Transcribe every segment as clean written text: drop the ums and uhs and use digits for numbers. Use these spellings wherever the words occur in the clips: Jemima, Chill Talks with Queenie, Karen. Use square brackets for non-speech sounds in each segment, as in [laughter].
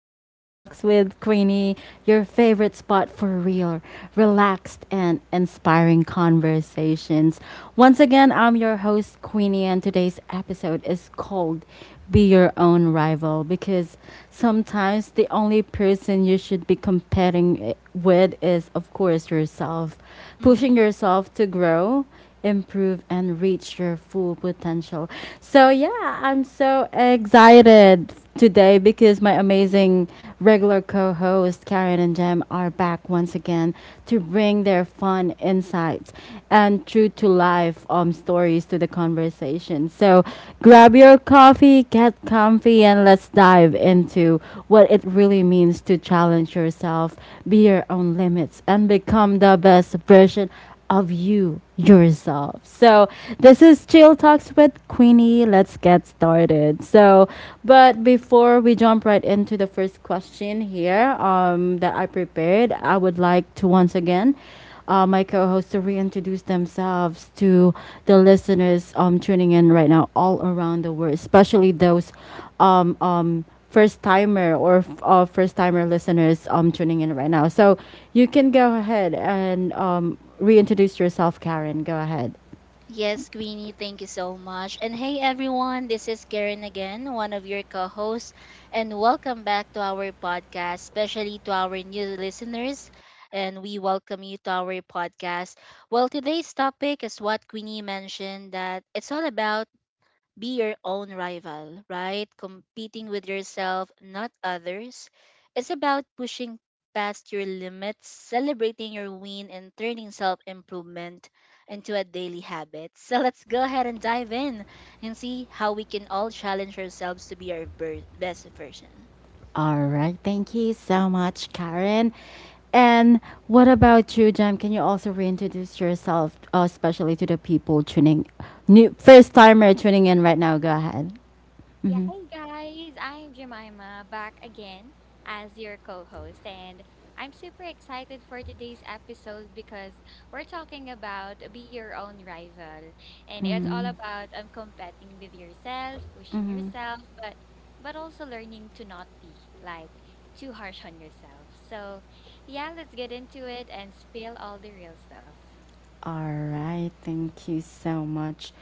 Chill Talks with Queenie, your favorite spot for real, relaxed, and inspiring conversations. Once again, I'm your host, Queenie, and today's episode is called Be Your Own Rival because sometimes the only person you should be competing with is, of course, yourself. Pushing Mhm. yourself to grow improve and reach your full potential. So, yeah, I'm so excited today because my amazing regular co host Karen and Jem are back once again to bring their fun insights and true to life stories to the conversation. So, grab your coffee, get comfy, and let's dive into what it really means to challenge yourself, be your own limits, and become the best version of you yourself. So this is Chill Talks with Queenie. Let's get started. So, but before we jump right into the first question here that I prepared, I would like to once again. My co-hosts to reintroduce themselves to the listeners tuning in right now all around the world, especially those first timer listeners tuning in right now. So you can go ahead and Reintroduce yourself, Karen. Go ahead. Yes, Queenie, thank you so much. And hey, everyone, this is Karen again, one of your co hosts, and welcome back to our podcast, especially to our new listeners. And we welcome you to our podcast. Well, today's topic is what Queenie mentioned, that it's all about be your own rival, right? Competing with yourself, not others. It's about pushing past your limits, celebrating your win, and turning self improvement into a daily habit. So let's go ahead and dive in and see how we can all challenge ourselves to be our best version. All right. Thank you so much, Karen. And what about you, Jem? Can you also reintroduce yourself, especially to the people tuning, new first timer tuning in right now? Go ahead. Yeah, Mm-hmm. hey guys, I'm Jemima back again as your co host, and I'm super excited for today's episode because we're talking about be your own rival, and it's all Mm-hmm. about competing with yourself, pushing Mm-hmm. yourself, but also learning to not be like too harsh on yourself. So, yeah, let's get into it and spill all the real stuff. All right. Thank you so much.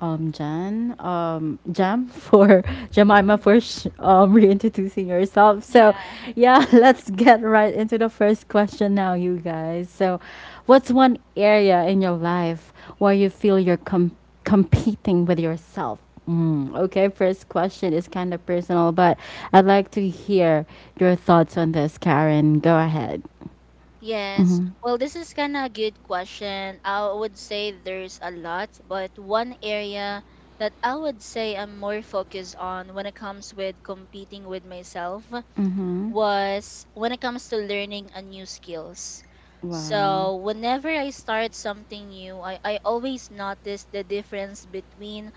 Jan Jam for [laughs] Jemima for [laughs] reintroducing yourself. So, Yeah. yeah, [laughs] let's get right into the first question now, you guys. So, what's one area in your life where you feel competing with yourself? Mm, okay, first question is kind of personal, but I'd like to hear your thoughts on this, Karen. Go ahead. Yes. Mhm. Well, this is kind of a good question. I would say there's a lot, but one area that I would say I'm more focused on when it comes with competing with myself Mhm. was when it comes to learning a new skills. Wow. So whenever I start something new, I always notice the difference between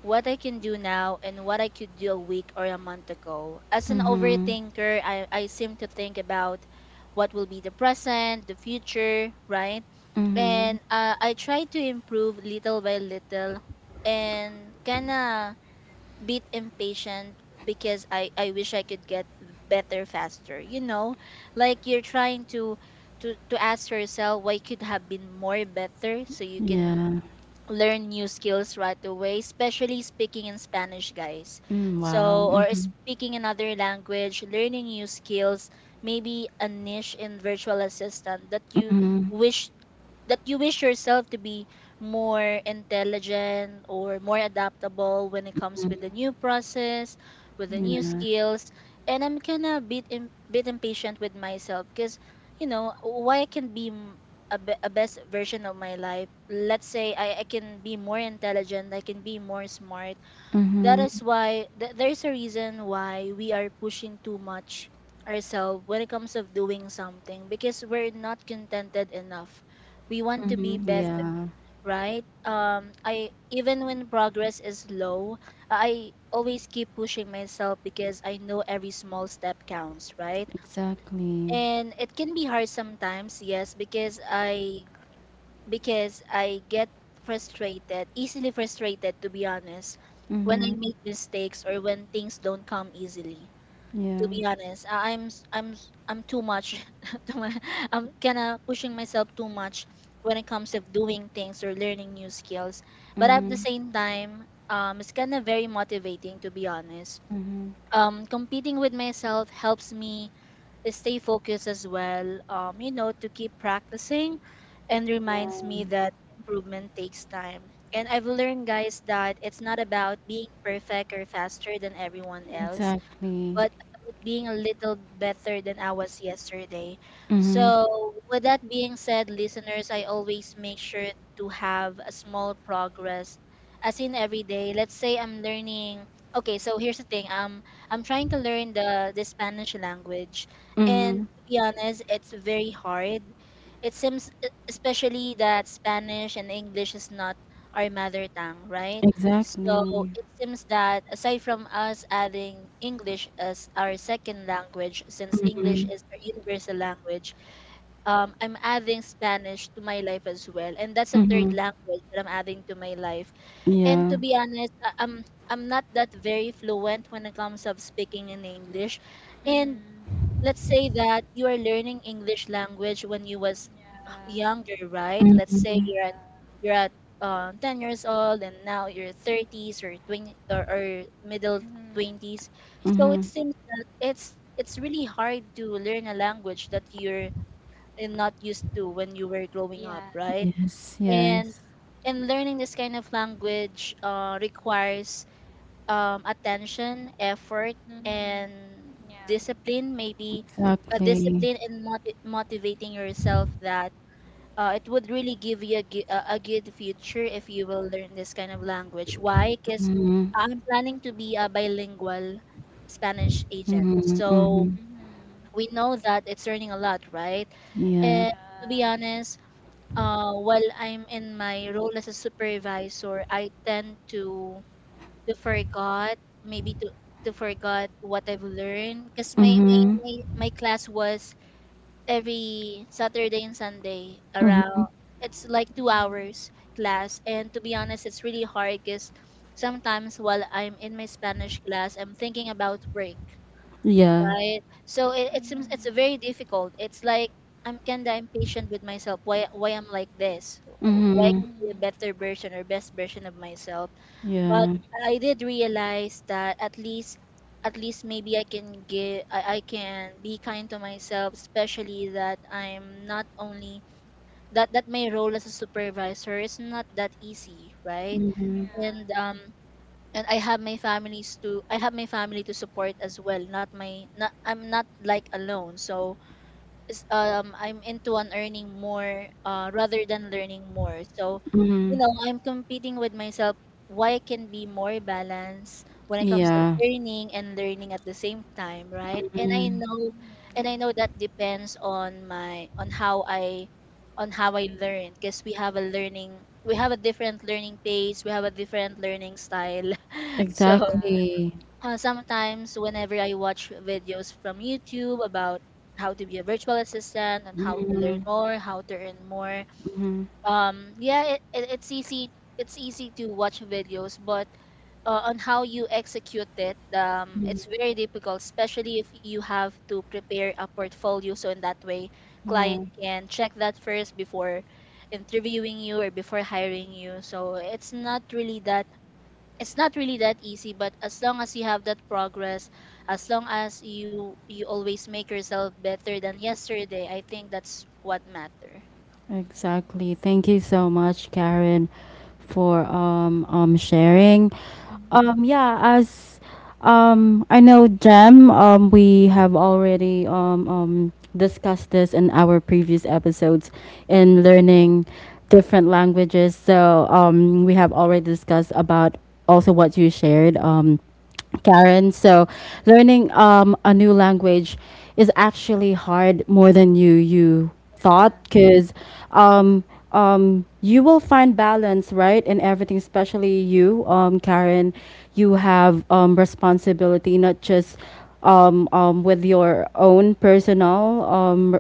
what I can do now and what I could do a week or a month ago. As an Mhm. overthinker, I seem to think about what will be the present, the future, right? Mhm. And I try to improve little by little and kind of bit impatient because I wish I could get better faster. You know, like you're trying to to ask yourself what could have been more better so you can Yeah. learn new skills right away, especially speaking in Spanish, guys. Mm, wow. So, or Mhm. speaking another language, learning new skills, maybe a niche in virtual assistant Mhm. wish that you wish yourself to be more intelligent or more adaptable when it comes with the new process, with the new Yeah. skills. And I'm kind of bit bit impatient with myself because you know why I can be a, a best version of my life. Let's say I can be more intelligent, I can be more smart, that is Mhm. why there's a reason why we are pushing too much ourselves when it comes of doing something because we're not contented enough, we want to be Mhm. better, Yeah. right? I even when progress is low, I always keep pushing myself because I know every small step counts, right? Exactly. And it can be hard sometimes, yes, because I get frustrated, easily frustrated, to be honest, when I Mhm. make mistakes or when things don't come easily. Yeah. To be honest, I'm too much. [laughs] too mu- I'm kind of pushing myself too much when it comes of doing things or learning new skills. But at the Mhm. same time, it's kind of very motivating to be honest. Mhm. Competing with myself helps me stay focused as well, you know, to keep practicing and Yeah. reminds me that improvement takes time. And I've learned, guys, that it's not about being perfect or faster than everyone else Exactly. but about being a little better than I was yesterday. Mhm. So, with that being said, listeners, I always make sure to have a small progress as in every day. Let's say I'm learning, okay, so here's the thing. I'm trying to learn the Spanish language, and Mhm. to be honest, it's very hard. It seems especially that Spanish and English is not our mother tongue, right? So Exactly. it seems that aside from us adding English as our second language, since English Mhm. is our universal language, I'm adding Spanish to my life as well, and that's a third Mhm. language that I'm adding to my life. And Yeah. to be honest, I'm I'm not that very fluent when it comes of speaking in English, and Mm-hmm. let's say that you are learning English language when you was Yeah. younger, right? Let's say Mhm. Yeah. you're at 10 years old and now you're 30s or 20 or middle Mm-hmm. 20s. So it Mhm. seems that it's really hard to learn a language that you're not used to when you were growing up, Yeah. right? Yes. And Yes. and learning this kind of language requires attention, effort, Mhm. and Yeah. discipline. Maybe a Exactly. discipline in motivating yourself that it would really give you a good future if you will learn this kind of language. Why? Because Mhm. I'm planning to be a bilingual Spanish agent. Mhm. So Mhm. Mhm. we know that it's earning a lot, right? Yeah. And to be Yeah. honest, while I'm in my role as a supervisor, I tend to forgot maybe to forgot what I've learned because my, my Mhm. my my class was every Saturday and Sunday around Mhm. it's like 2 Mhm. hours class, and to be honest it's really hard cuz sometimes while I'm in my Spanish class I'm thinking about work, Yeah. right? So it seems it's very Mhm. difficult, it's like I'm kinda impatient with myself, why I'm like this, why I Mhm. can be a Mhm. better version or best version of myself, but Yeah. I did realize that at least maybe I can give I can be kind to myself, especially that I'm not only that my role as a supervisor is not that easy, right? Mhm. Yeah. And and I have my families to, I have my family to support as well, not my, not, I'm not like alone, so I'm into on earning more rather than learning more. So, you Mhm. Mhm. know, Yeah. I'm competing with myself, why I can be more balanced when it comes to Yeah. earning and learning at the same time, right? Mhm. And I Mhm. know that depends on my on how I learn because we have a learning we have a different learning pace, we have a different learning style. [laughs] So Yeah. Exactly. Sometimes, whenever I watch videos from YouTube about how to be a virtual assistant and how to learn Mhm, more, how to earn more, mhm, yeah, it's easy. It's easy to watch videos, but on how you execute it, mhm. it's very difficult, especially if you have to prepare a portfolio. So in that way, client Yeah, can check that first before interviewing you or before hiring you. So it's not really that it's not really that easy but as long as you have that progress as long as you you always make yourself better than yesterday, I think that's what matter. exactly. Thank you so much, Karen, for sharing. Mm. Yeah, as I know Jem, we have already discussed this in our previous episodes in learning different languages. So we have already discussed about also what you shared. Karen. So, learning a new language is actually hard more than you thought, Yeah. because um, you will find balance, right, in everything. Especially you, Karen, you have responsibility not just with your own personal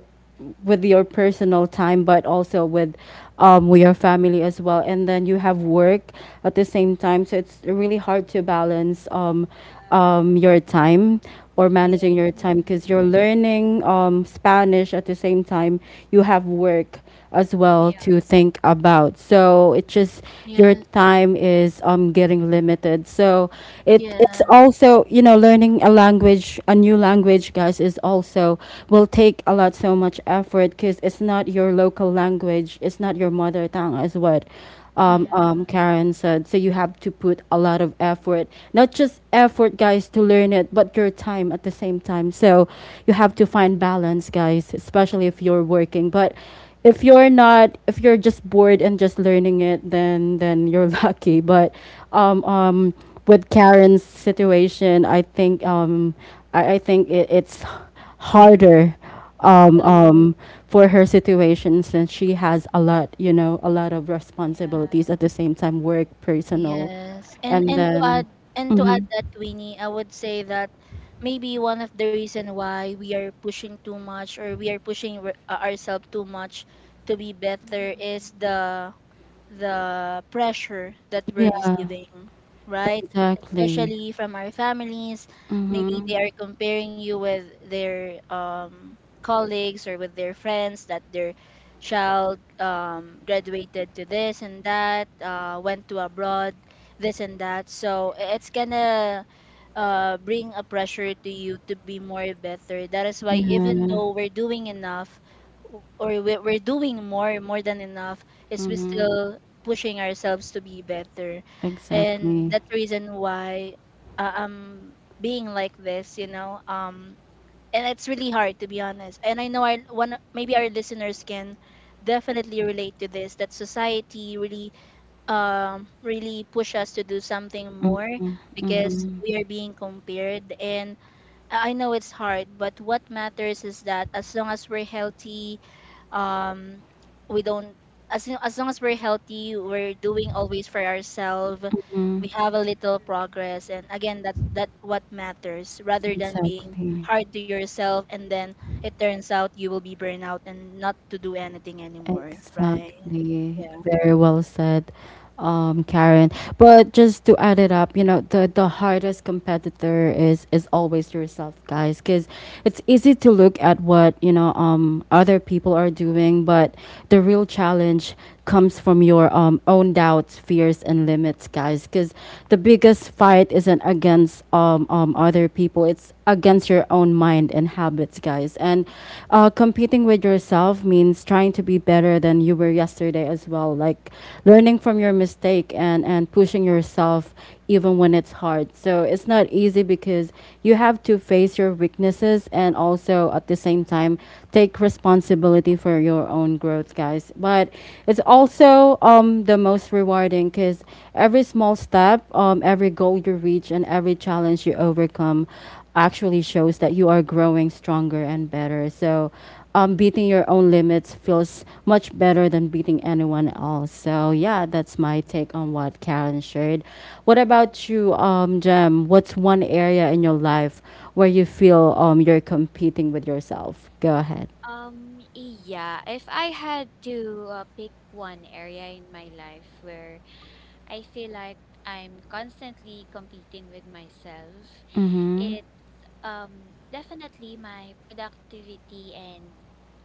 with your personal time but also with your family as well and then you have work at the same time so it's really hard to balance Yeah. Your time or managing Yeah. your time because Mhm. you're learning spanish at the same time you have work as well Yeah. to think about. So it just your Yes. time is getting limited. So it's Yeah. also you know learning a language, a new language, guys, is also will take a lot so much effort because it's not your local language, it's not your mother tongue, as what Yeah. Mm Karen said. So you have to put a lot of effort, not just effort, guys, to learn it, but your time at the same time. So you have to Mhm. find balance, guys, especially if you're working. But if you're just bored and just learning it then you're [laughs] lucky but um um with karen's situation I think I think it's harder um it is. um for her situation since she has a lot you know a lot of responsibilities Yeah. at the same time work personal Yes, and then and to add mm-hmm. that, Queenie, I would say that maybe one of the reason why we are pushing too much or we are pushing ourselves too much to be better is Mhm. the pressure that we're Yeah, receiving, right? exactly. Especially from our families. Maybe Mm-hmm. they are comparing you with their colleagues or with their friends that their child graduated to this and that, went to abroad, this and that. So it's gonna bring a pressure to you to be more better. That is why even Yeah. though we're doing enough or we're doing more, more than enough, is we Mm-hmm. still pushing ourselves to be better. And Exactly. that's the reason why I'm being like this, you know. And it's really hard to be honest. And I know our one maybe our listeners can definitely relate to this, that society really really push us to do something more because Mm-hmm. we are being compared. And I know it's hard, but what matters is that as long as we're healthy, um, we don't. As, as long as we're healthy, we're doing always for ourselves. Mm-hmm. We have a little progress, and again, that's that what matters. Rather than being Exactly. hard to yourself, and then it turns out you will be burnout and not to do anything anymore, right? Exactly. Yeah. Very well said, Karen. But just to add it up, you know, the hardest competitor is always yourself, guys, because it's easy to look at what, you know, other people are doing, but the real challenge comes from your own doubts, fears, and limits, guys, because the biggest fight isn't against other people. It's against your own mind and habits, guys. And competing with yourself means trying to be better than you were yesterday as well. Like learning from your mistake and pushing yourself even when it's hard. So it's not easy because you have to face your weaknesses and also at the same time take responsibility for your own growth, guys. But it's also the most rewarding because every small step, every goal you reach, and every challenge you overcome actually shows that you are growing stronger and better. So, beating your own limits feels much better than beating anyone else. So, yeah, that's my take on what Karen shared. What about you, Jem? What's one area in your life where you feel you're competing with yourself? Go ahead. Yeah, if I had to pick one area in my life where I feel like I'm constantly competing with myself, Mm hmm. it's definitely my productivity and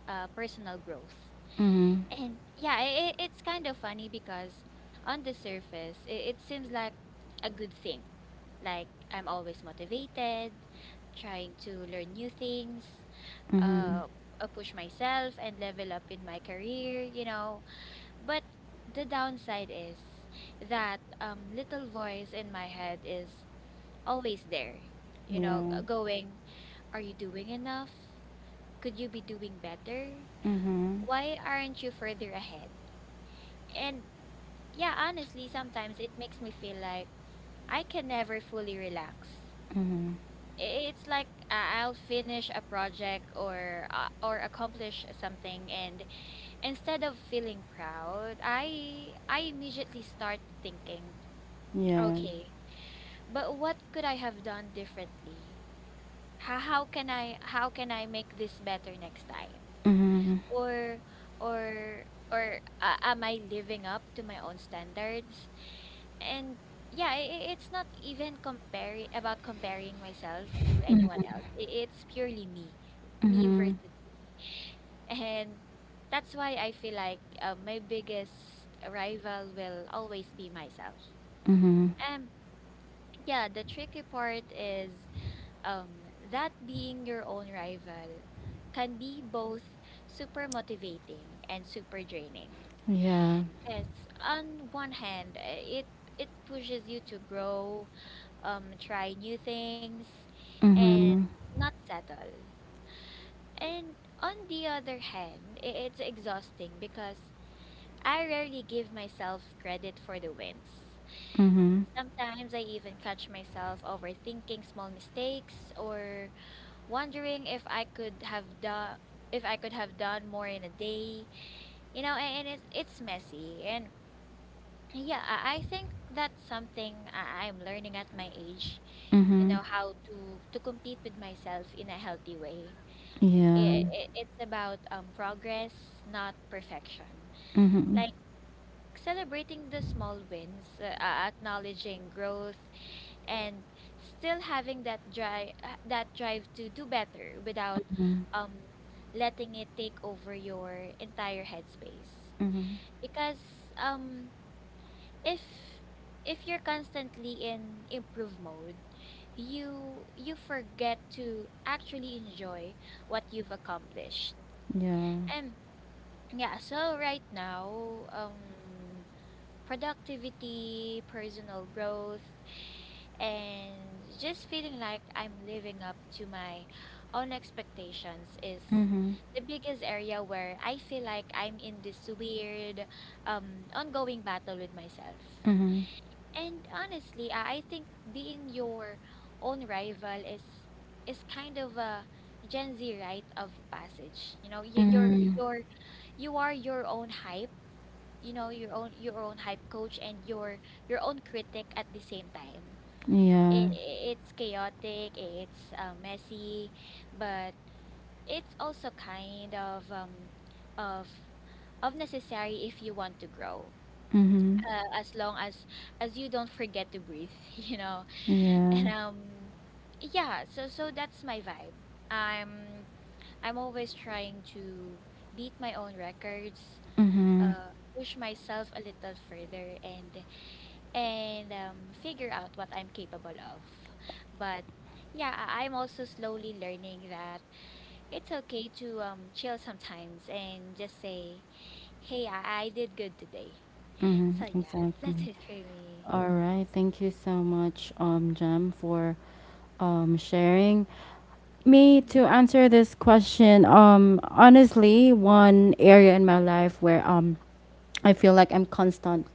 personal growth. [laughs] Mm And yeah, I it's kind of funny because on the surface, it seems like a good thing. Like I'm always motivated, trying to learn new things, hmm. Mm hmm. uh, push myself and level up in my career, you know. But the downside is that little voice in my head is always there, you know, Yeah. Going, "Are you doing enough? Could you be doing better? Mm hmm. Why aren't you further ahead?" And yeah, honestly, sometimes it makes me feel like I can never fully relax. Mm hmm. It's like I'll finish a project or accomplish something, and instead of feeling proud, I immediately start thinking, Yeah. "Okay, but what could I have done differently? How can I make this better next time? Mhm. Or or or am I living up to my own standards?" And yeah, it's not even comparing about comparing myself to anyone else. It's purely me, me Mhm. versus [laughs] me. And that's why I feel like my biggest rival will always be myself. Mhm. Um, yeah, the tricky part is um, that being your own rival can be both super motivating and super draining. Yeah. Because on one hand, it pushes you to grow, try new things, and Mhm. not settle. And on the other hand, it's exhausting because I rarely give myself credit for the wins. Mhm. Sometimes I even catch myself overthinking small mistakes or wondering if I could have done if I could have done more in a day. And it's messy. And yeah, I think that's something I'm learning at my age. You Mhm. know, how to to compete with myself in a healthy way. Yeah. I it's about progress, not perfection. Mhm. Like celebrating the small wins, acknowledging growth, and still having that drive to do better without um letting it take over your entire headspace, Mhm. because um if if you're constantly in improve mode, you forget to actually enjoy what you've accomplished. Yeah. And yeah, so right now, productivity, personal growth, and just feeling like I'm living up to my own expectations is Mhm. the biggest area where I feel like I'm in this weird, ongoing battle with myself. Mhm. And honestly, I think being your own rival is kind of a Gen Z rite of passage. You know, you, Mhm. you're you are your own hype. You know, your own hype coach and your own critic at the same time. Yeah. i- it's chaotic, it's messy, but it's also kind of of necessary if you want to grow. Mhm. As long as you don't forget to breathe, [laughs] you know. Yeah. And yeah, so that's my vibe. I'm I'm always trying to beat my own records, Mhm. Push myself a little further, and figure out what I'm capable of. But yeah, I'm also slowly learning that it's okay to chill sometimes and just say, "Hey, I did good today." Mhm. So yeah, that's Exactly. it for me. All right. Thank you so much, Jem, for sharing. Me to Mm-hmm, answer this question, honestly, one area in my life where I feel like I'm constant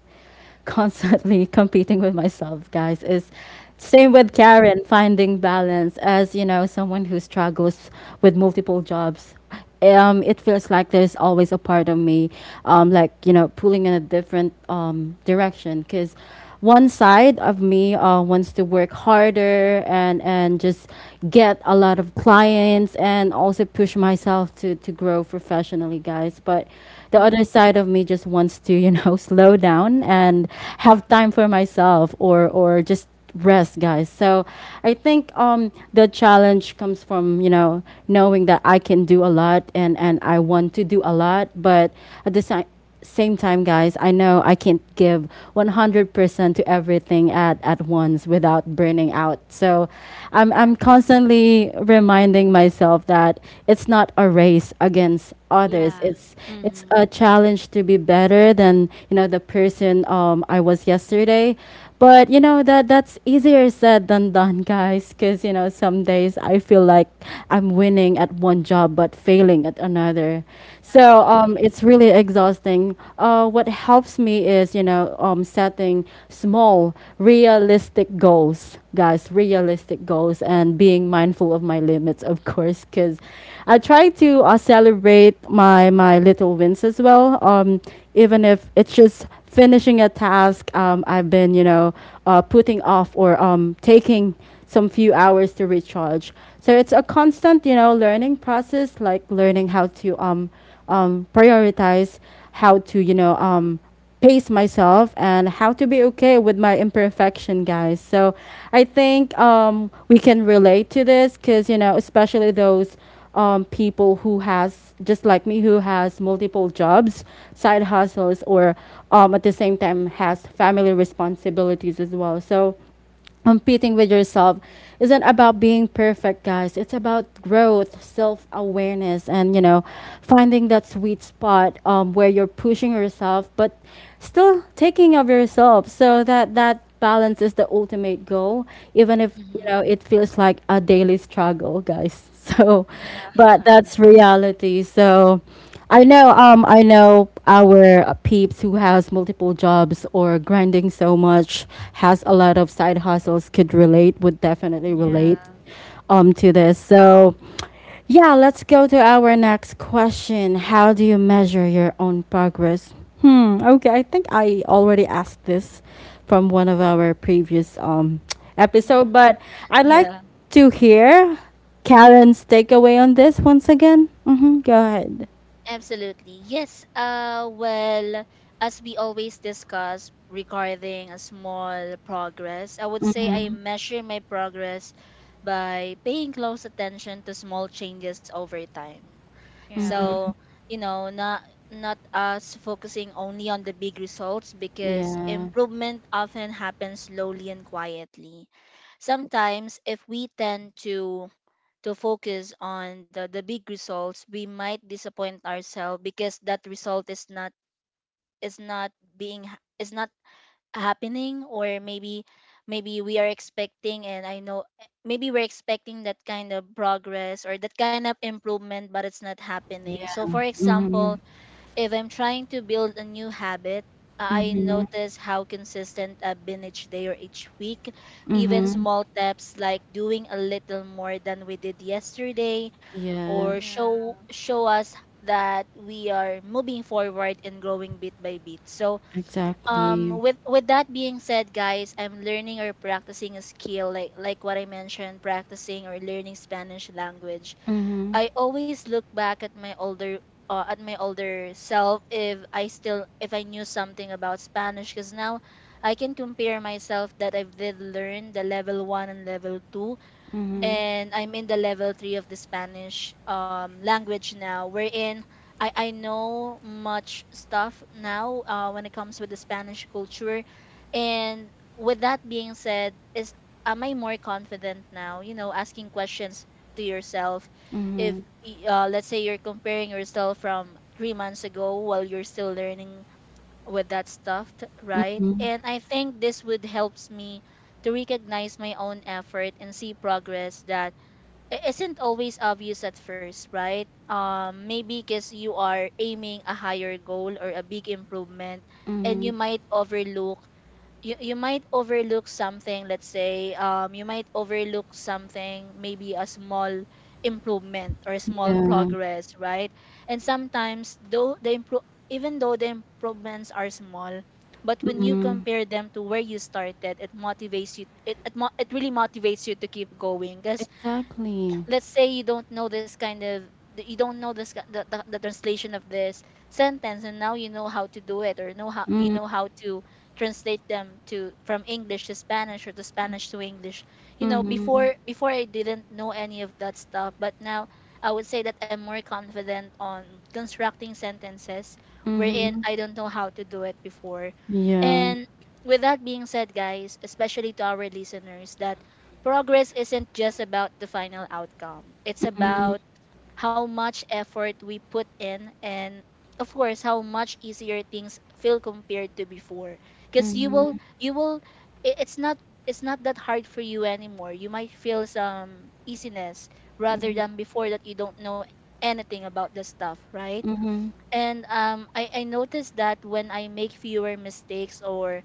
constantly [laughs] competing with myself, guys. Is same with mm-hmm. Karen, finding balance as you know, someone who struggles with multiple jobs. It feels like there's always a part of me, like you know, pulling in a different direction because one side of me wants to work harder and just get a lot of clients and also push myself to grow professionally, guys. But the other Mm-hmm. side of me just wants to you know [laughs] slow down and have time for myself or just rest guys so I think the challenge comes from you know knowing that I can do a lot and I want to do a lot but at the same same time, guys, I know I can't give 100% to everything at once without burning out. So I'm Exactly. constantly reminding myself that it's not a race against others. Yeah, It's Mm-hmm. a challenge to be better than, you know, the person I was yesterday. But you know that's easier said than done, guys. Because you know some days I feel like I'm winning at one job but failing at another. So exactly. it's really exhausting. What helps me is you know setting small, realistic goals, guys. Realistic goals and being mindful of my limits, of course. Because I try to celebrate my little wins as well. Even if it's just finishing a task I've been, you know, putting off or taking some few hours to recharge. So it's a constant, you know, learning process, like learning how to prioritize, how to, you know, pace myself and how to be okay with my imperfection guys so I think we can relate to this because you know especially those people who has just like me who has multiple jobs, side hustles, or at the same time has family responsibilities as well. So competing with yourself isn't about being perfect guys it's about growth self-awareness and you know finding that sweet spot where you're pushing yourself but still taking of yourself so that that balance is the ultimate goal even if you Mm-hmm. know it feels like a daily struggle guys [laughs] so Mm, yeah. Yeah. but [laughs] that's reality so I know our peeps who has multiple jobs or grinding so much, has a lot of side hustles, could relate, would definitely relate, Yeah. To this. So, yeah, let's go to our next question. How do you measure your own progress? Hmm. Okay, I think I already asked this from one of our previous [tsk] Mm-hmm. episode, but I'd like Yeah. to hear Karen's takeaway on this once again. Mm-hmm, go ahead. Absolutely. Yes. Well, as we always discuss regarding a small progress, I would say I measure my progress by paying close attention to small changes over time. Yeah. So, you know, not not us focusing only on the big results because Yeah, improvement often happens slowly and quietly. Sometimes if we tend to focus on the big results we might disappoint ourselves because that result is not is not is not happening, or maybe maybe we are expecting and I know maybe we're expecting that kind of progress or that kind of improvement but it's not happening, so yeah. for example Mhm, if I'm trying to build a new habit, I mhm, notice how consistent I've been each day or each week. Even mhm. small steps like doing a little more than we did yesterday Yeah, or Mm-hmm. Yeah. Show us that we are moving forward and growing bit by bit. So exactly. with that being said, guys, I'm learning or practicing a skill, like what I mentioned, practicing or learning Spanish language. Mhm, I always look back at my older self, if I knew something about Spanish, because now I can compare myself that I did learn the level 1 and level 2, mhm, Mm-hmm. and I'm in the level three of the Spanish language now, wherein I know much stuff now when it comes with the Spanish culture. And with that being said, is am I more confident now? You know, asking questions to yourself. mhm, If y- Let's say you're comparing yourself from 3 months ago while you're still learning with that stuff, right? mhm, And I think this would helps me to recognize my own effort and see progress that isn't always obvious at first, right? Maybe because you are aiming a higher goal or a big improvement, and mhm. you might overlook you might overlook something. Let's say you might overlook something, maybe a small improvement or a small Yeah, progress, right? And sometimes though the improve even though the improvements are small, but when you mhm. compare them to where you started, it motivates you, it really motivates you to keep going. Because Exactly. let's say you don't know this kind of you don't know the translation of this sentence, and now you know how to do it, or Mhm, know how to translate them to from English to Spanish or to Spanish to English. You know, mhm, before I didn't know any of that stuff, but now I would say that I'm more confident on constructing sentences wherein mhm. I don't know how to do it before. Yeah. And with that being said, guys, especially to our listeners, that progress isn't just about the final outcome, it's about how much effort we put in and of course how much easier things feel compared to before. Because you will Mhm, you will it's not, it's not that hard for you anymore. You might feel some easiness rather mhm, than before that you don't know anything about the stuff, right? mhm, And I noticed that when I make fewer mistakes or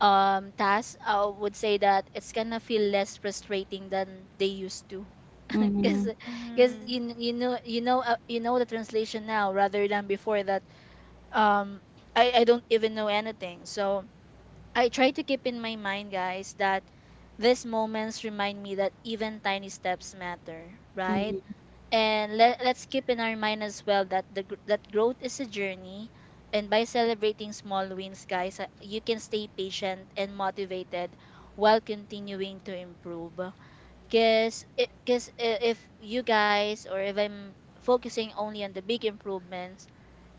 tasks, I would say that it's gonna feel less frustrating than they used to, [laughs] because mhm, Mm-hmm. You know the translation now rather than before that um I don't even know anything. So I try to keep in my mind, guys, that these moments remind me that even tiny steps matter, right? mhm, And let's keep in our mind as well that growth is a journey, and by celebrating small wins, guys, you can stay patient and motivated while continuing to improve. Cause, cause if you guys, or if I'm focusing only on the big improvements,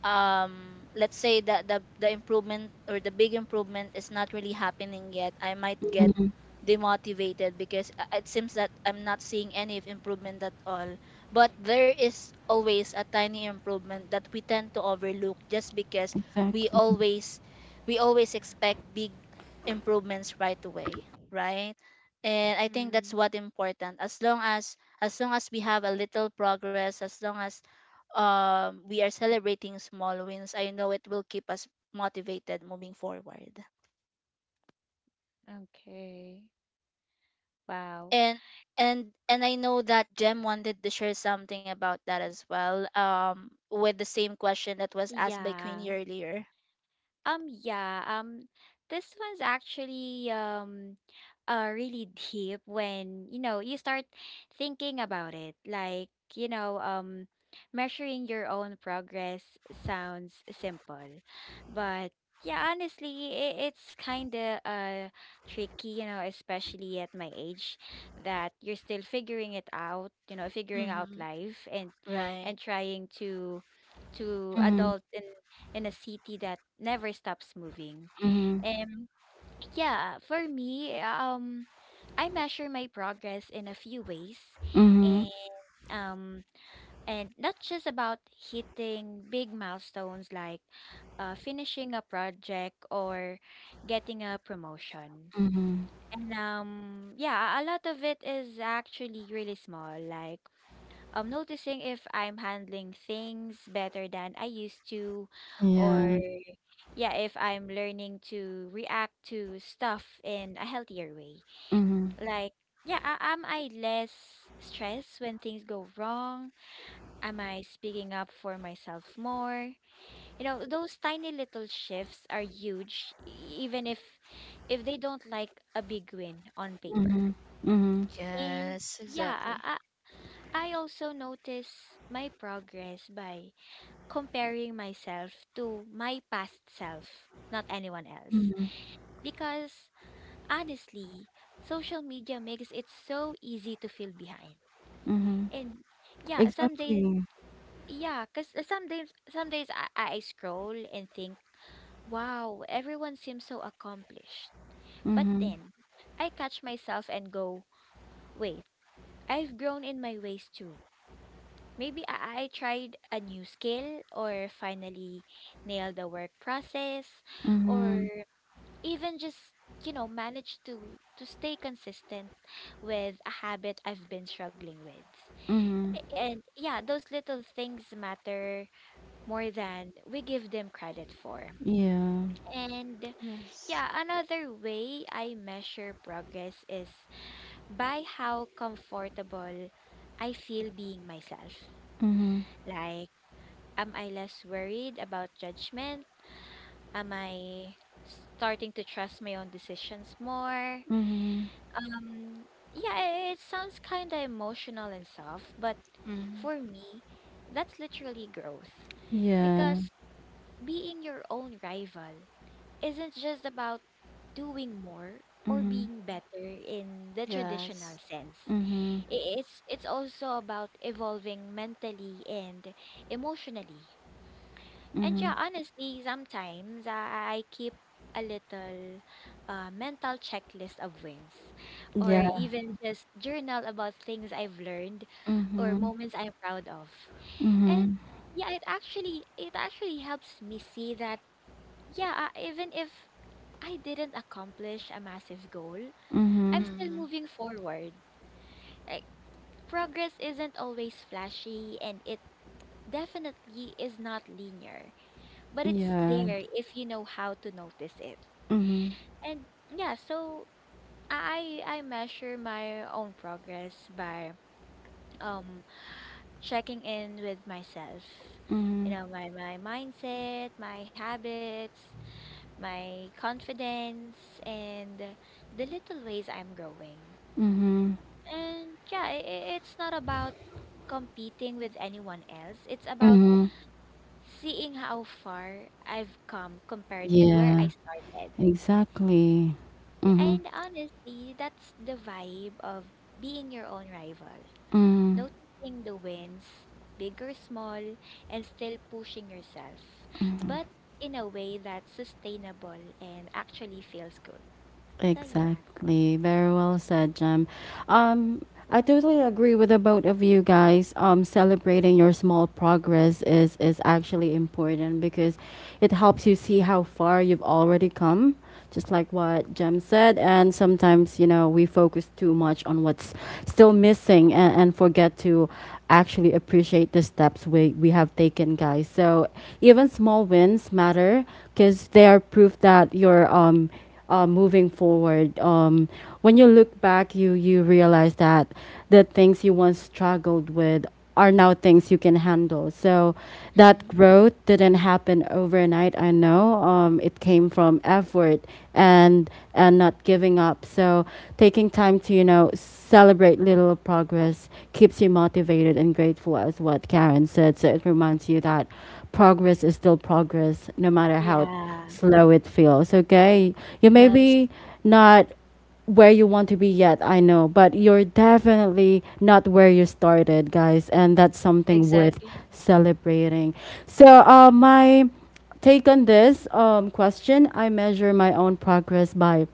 let's say that the improvement or the big improvement is not really happening yet, I might get mhm. demotivated because it seems that I'm not seeing any of improvement at all. But there is always a tiny improvement that we tend to overlook, just because we Exactly. always we always expect big improvements right away, right? And I think Mm-hmm. that's what important. As long as, we have a little progress, as long as we are celebrating small wins, I know it will keep us motivated moving forward. Okay. Wow. And and I know that Jem wanted to share something about that as well. With the same question that was asked by Yeah. Queenie earlier. Yeah, this one's actually really deep when, you know, you start thinking about it. Like, you know um measuring your own progress sounds simple, but yeah, honestly, I it's kind of tricky, you know, especially at my age, that you're still figuring it out, you know, figuring out Mm-hmm. life and Right. Trying to Mhm, adult in a city that never stops moving. mhm, Yeah, for me, I measure my progress in a few ways, mhm, and um, not just about hitting big milestones like finishing a project or getting a promotion. mhm. And yeah, a lot of it is actually really small, like noticing if I'm handling things better than I used to, or Yeah. yeah, if I'm learning to react to stuff in a healthier way. Mhm, Like, yeah, am I less stressed when things go wrong? Am I speaking up for myself more? You know, those tiny little shifts are huge, even if they don't like a big win on paper. mhm, mhm, And Yes. yeah, Exactly. I also notice my progress by comparing myself to my past self, not anyone else. mhm, Because honestly, social media makes it so easy to feel behind. mhm. And yeah, some days, Exactly. yeah, because some days, I scroll and think, "Wow, everyone seems so accomplished." But Mhm. then I catch myself and go, "Wait, I've grown in my ways too. Maybe I tried a new skill or finally nailed the work process, or Mhm, even just, you know, managed to stay consistent with a habit I've been struggling with." mhm, And yeah, those little things matter more than we give them credit for. yeah, And Yes. yeah, another way I measure progress is by how comfortable I feel being myself. mhm, Like, am I less worried about judgment? Am I starting to trust my own decisions more? mhm, Um, yeah, it sounds kind of emotional and soft, but Mm-hmm. for me, that's literally growth. yeah, Because being your own rival isn't just about doing more or mhm, being better in the traditional Yes. sense. mhm, It's also about evolving mentally and emotionally. And yeah, mhm, honestly, sometimes I keep a little mental checklist of wins, or yeah, Mm-hmm. even just journal about things I've learned, or mhm, moments I'm proud of. And mhm, yeah, it actually helps me see that yeah, even if I didn't accomplish a massive goal, I'm mhm, still Mm-hmm. moving forward. Like, progress isn't always flashy, and it definitely is not linear, but it's yeah, there if you know how to notice it. mhm, And yeah, so I measure my own progress by um checking in with myself. You mhm, know, my mindset, my habits, my confidence, and the little ways I'm growing. mhm, And yeah, it's not about competing with anyone else. It's about mhm, seeing how far I've come compared to where I yeah, started. exactly, Yeah, mhm, and honestly, that's the vibe of being your own rival. mhm. Noticing the wins, big or small, and still pushing yourself, but in a way that's sustainable and actually feels good. So, yeah. Exactly. Very well said, Jem. Um, I totally agree with the both of you guys. Celebrating your small progress is actually important because it helps you see how far you've already come. Just like what Jem said, and sometimes you know we focus too much on what's still missing and forget to actually appreciate the steps we have taken, guys. So even small wins matter because they are proof that you're moving forward. When you look back, you realize that the things you once struggled with are now things you can handle. So that Mm-hmm. growth didn't happen overnight. I know, it came from effort and not giving up. So taking time to celebrate little progress keeps you motivated and grateful, as what Karen said. So it reminds you that progress is still progress, no matter how Yeah. slow it feels. Okay, you may Yes. be not where you want to be yet, I know, but you're definitely not where you started, guys, and that's something worth Exactly. celebrating. So my take on this question, I measure my own progress by,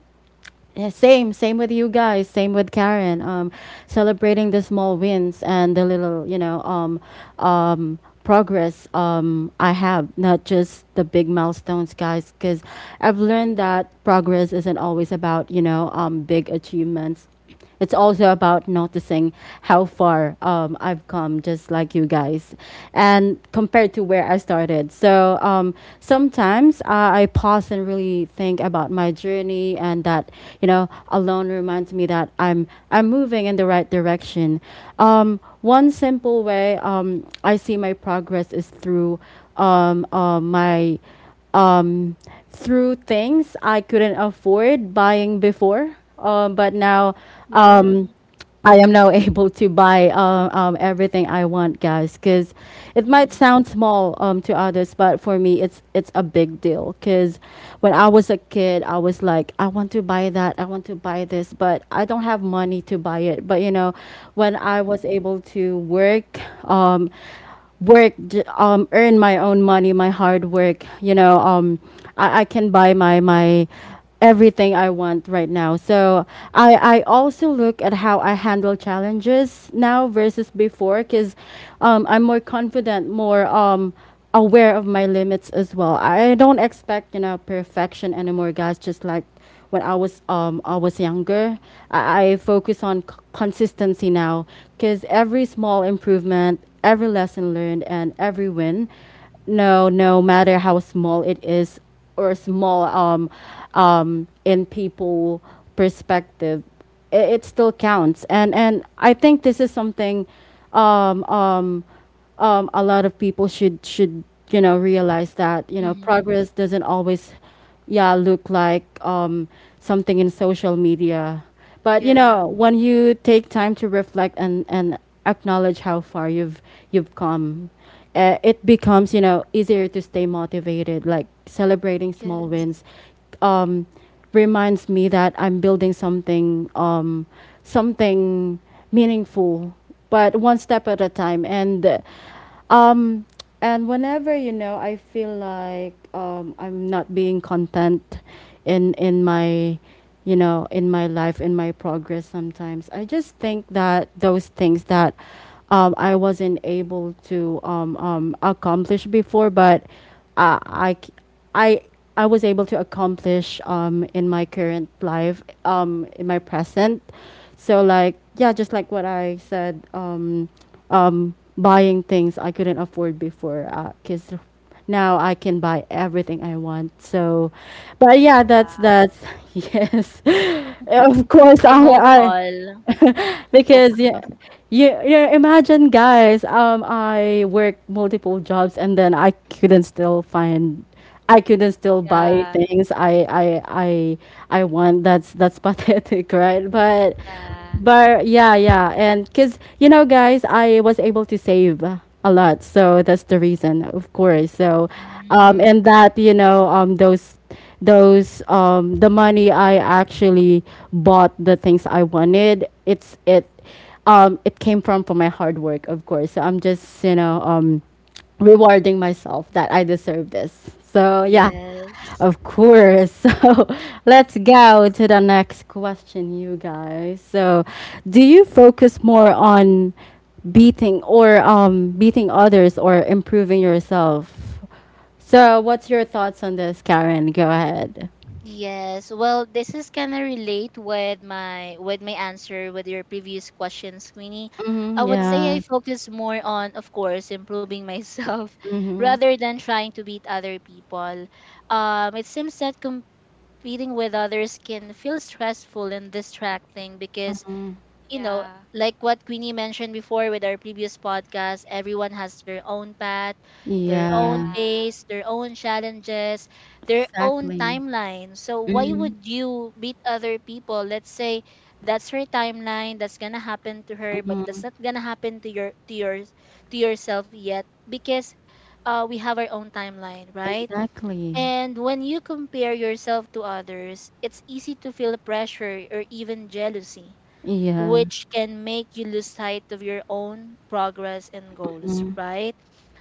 yeah, same with you guys. Same with Karen. Celebrating the small wins and the little, um, progress I have, not just the big milestones, guys. Because I've learned that progress isn't always about, big achievements. It's also about noticing how far I've come, just like you guys, and compared to where I started. So sometimes I pause and really think about my journey, and that alone reminds me that I'm moving in the right direction. One simple way I see my progress is through my um, through things I couldn't afford buying before. But now Yeah. um, I am now [laughs] able to buy everything I want, guys. Because it might Mm-hmm. sound small to others, but for me, it's a big deal. Because when I was a kid, I was like, I want to buy that, I want to buy this, but I don't have money to buy it. But you know, when I Mm-hmm. was able to work, earn my own money, my hard work. I can buy my everything I want right now. So I also look at how I handle challenges now versus before, because I'm more confident, more aware of my limits as well. I don't expect perfection anymore, guys. Just like when I was younger. I focus on consistency now because every small improvement, every lesson learned, and every win, no matter how small it is or small in people perspective, it still counts. And I think this is something um, um, a lot of people should realize that Mm-hmm. progress doesn't always yeah look like something in social media, but you Yeah. know, when you take time to reflect and acknowledge how far you've come, it becomes easier to stay motivated, like celebrating small Yes. wins um, reminds me that I'm building something meaningful, but one step at a time. And uh, um, and whenever I feel like I'm not being content in in my, in my life, in my progress. Sometimes I just think that those things that I wasn't able to accomplish before, but I c- I I was able to accomplish in my current life, in my present. So like, yeah, just like what I said. Buying things I couldn't afford before. Because now I can buy everything I want. So, but yeah, that's [laughs] yes. Of course, I hope I all. I [laughs] Hope. because yeah, yeah, yeah. Imagine, guys. I work multiple jobs, and then I couldn't still find, I couldn't still buy Yeah, things I want. That's [laughs] pathetic, right? Yeah, But yeah, yeah, and cause you know, guys, I was able to save a lot, so that's the reason, of course. So, Mm, and that, you know, those the money I actually bought the things I wanted. It it came from my hard work, of course. So I'm just, rewarding myself that I deserve this. So yeah, yes. of course. [laughs] So let's go to the next question, you guys. So do you focus more on beating or beating others or improving yourself? So, what's your thoughts on this, Karen? Go ahead. Yes, well, this is kind of relate with my answer with your previous question, Queenie. I Mhm, would say I yeah. focus more on, of course, improving myself [laughs] Mhm. rather than trying to beat other people. It seems that competing with others can feel stressful and distracting because, you know, yeah, like what Queenie mentioned before with our previous podcast, everyone has their own path, their own Yeah, yeah, pace, their own challenges, their own exactly. timeline. So why Mhm, would you beat other people? Let's say that's her timeline, that's gonna happen to her, but mhm, that's not gonna happen to your to yourself yet, because we have our own timeline, right? exactly. And when you compare yourself to others, it's easy to feel pressure or even jealousy, Yeah. which can make you lose sight of your own progress and goals, right?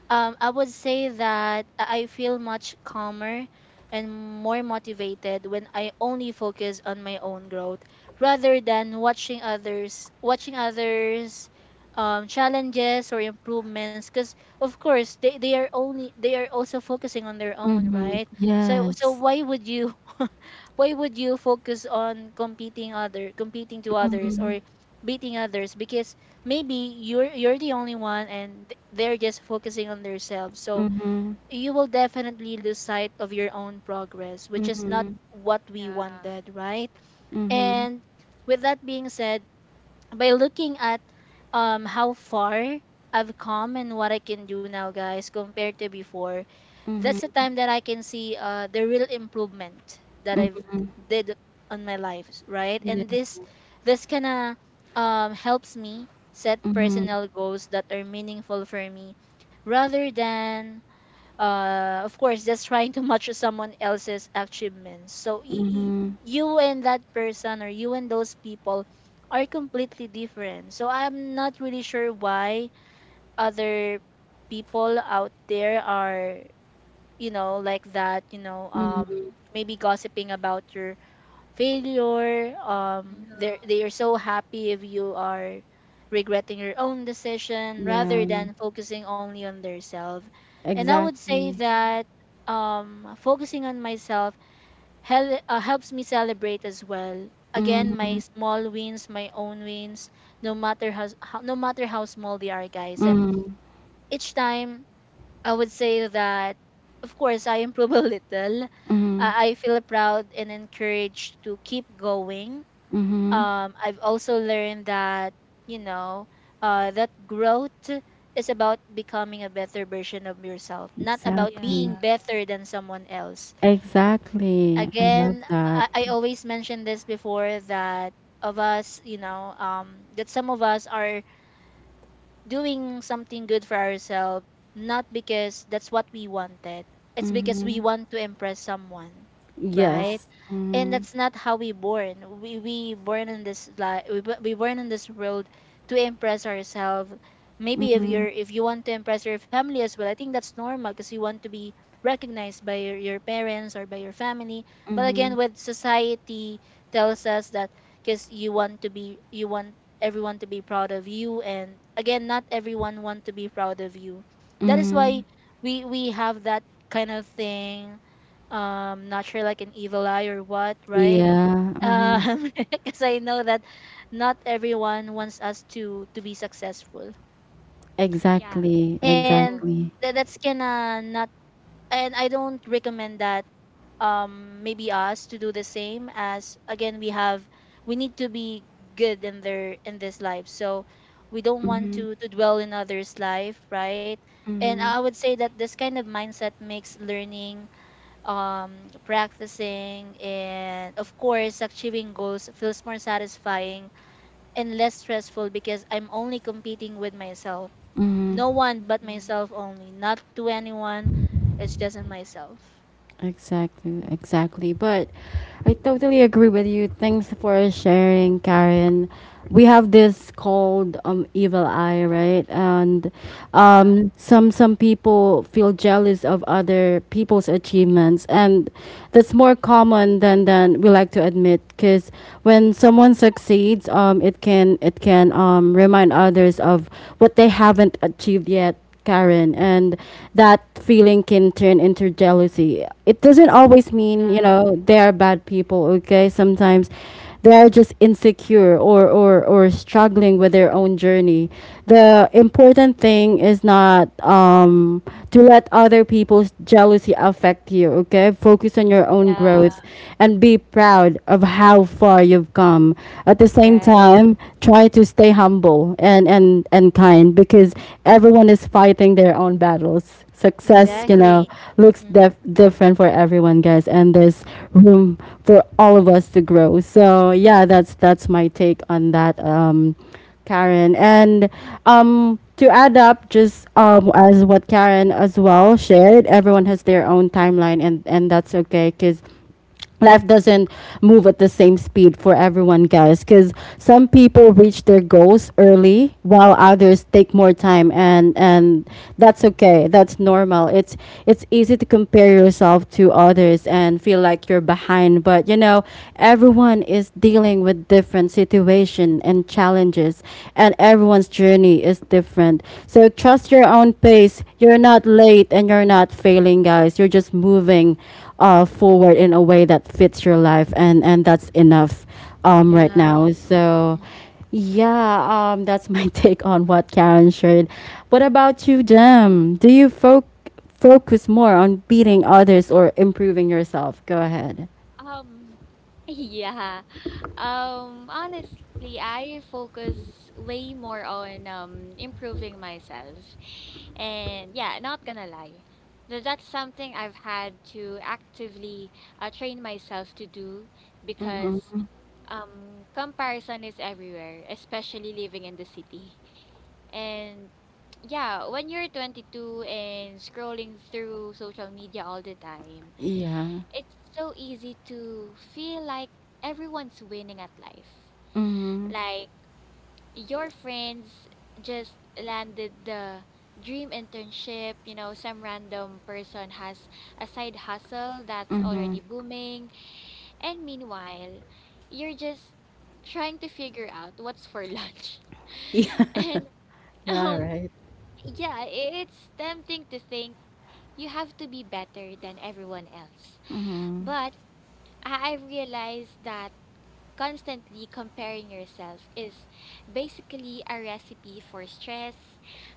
I would say that I feel much calmer and more motivated when I only focus on my own growth, rather than watching others, challenges or improvements, because of course they are only, they are also focusing on their own, Mhm. right? So, so Yes. why would you [laughs] why would you focus on competing other, competing to others, or beating others, because maybe you're the only one, and they're just focusing on themselves, so Mhm, you will definitely lose sight of your own progress, which is not mhm, what we yeah. wanted, right? mhm, And with that being said, by looking at how far I've come and what I can do now, guys, compared to before, that's mhm. the time that I can see the real improvement that I've did on my life, right? Yeah. And this kind of helps me set Mhm, personal goals that are meaningful for me, rather than of course just trying to [laughs] match someone else's achievements. So mhm. you and that person, or you and those people, are completely different. So I'm not really sure why other people out there are, you know, like that, you know, maybe Mm, gossiping about your failure, yeah. they are so happy if you are regretting your own decision, rather Yeah, than focusing only on themselves. And I would say exactly. Mhm. that focusing on myself helps me celebrate as well, again, my Mhm, small wins, my own wins, no matter how small they are, guys, and mhm, each time I would say that, of course, I improve a [laughs] little. Mhm, I feel proud and encouraged to keep going. mhm. I've also learned that, you know, that growth is about becoming a better version of yourself, not about Yeah, Exactly. being better than someone else. Exactly. I love Again, that. I always mentioned this before that of us, you know, that some of us are doing something good for ourselves, not because that's what we wanted. It's because we Mhm. want to impress someone, yeah. right? Yes. And Mhm. that's not how we born. We born in this life. We, we born in this world to impress ourselves. Maybe if Mhm, you're, if you want to impress your family as well, I think that's normal because you want to be recognized by your parents or by your family. But again, mhm, with society tells us that, because you want to be, you want everyone to be proud of you, and again, not everyone want to be proud of you, that is why mhm. we have that kind of thing, um, not sure like an evil eye or what, right? Yeah, mhm. Um [laughs] because I know that not everyone wants us to be successful, Yeah. Exactly, and True. exactly. That's gonna not, and I don't recommend that maybe us to do the same. As again, we need to be good in their in this life, so we don't want Mhm, to dwell in others life, right? And I mhm, would say that this kind of mindset makes learning, um practicing, and of course achieving goals feels more satisfying and less stressful, because I'm only competing with myself. mhm. No one but Mhm. myself only, not to anyone, it's just in myself. Exactly, exactly. But I totally agree with you. Thanks for sharing, Karen. We have this called evil eye, right? And Yeah, some people feel jealous of other people's achievements, and that's more common than we like to admit because when someone succeeds, it can, it can remind others of what they haven't achieved yet, Karen, and that feeling can turn into jealousy. It doesn't always mean, you know, they are bad people, okay? Sometimes they are just insecure, or struggling with their own journey. The important thing is not to let other people's jealousy affect you, okay? Focus on your own yeah, growth and be proud of how far you've come. At the same time, right. time, try to stay humble, and, and kind because everyone is fighting their own battles. Success, you True. know, Exactly. looks Mhm. Different for everyone, guys, and there's room for all of us to grow. So yeah, that's my take on that. Karen. And to add up, just, as what Karen as well shared, everyone has their own timeline, and that's okay because life doesn't move at the same speed for everyone, guys, because some people reach their goals early while others take more time, and that's okay, that's normal. It's easy to compare yourself to others and feel like you're behind, but you know, everyone is dealing with different situation and challenges, and everyone's journey is different. So trust your own pace. You're not late, and you're not failing, guys. You're just moving forward in a way that fits your life, and that's enough right now. Yes. So Yeah. yeah, that's my [laughs] take on what Karen shared. What about you, Jem? Do you focus more on beating others or improving yourself? Go ahead. Um, [laughs] yeah. Honestly, I focus way more on improving myself. And yeah, not gonna lie. That's something I've had to actively train myself to do, because Mm-hmm. Comparison is everywhere, especially living in the city. And yeah, when you're 22 and scrolling through social media all the time, Yeah. it's so easy to feel like everyone's winning at life. Mm-hmm. Like, your friends just landed the dream internship, you know, some random person has a side hustle that's Mm-hmm. already booming, and meanwhile, you're just trying to figure out what's for lunch. [laughs] Yeah. And [laughs] Yeah, um right. yeah, it's tempting to think you have to be better than everyone else. But I realized that constantly comparing yourself is basically a recipe for stress,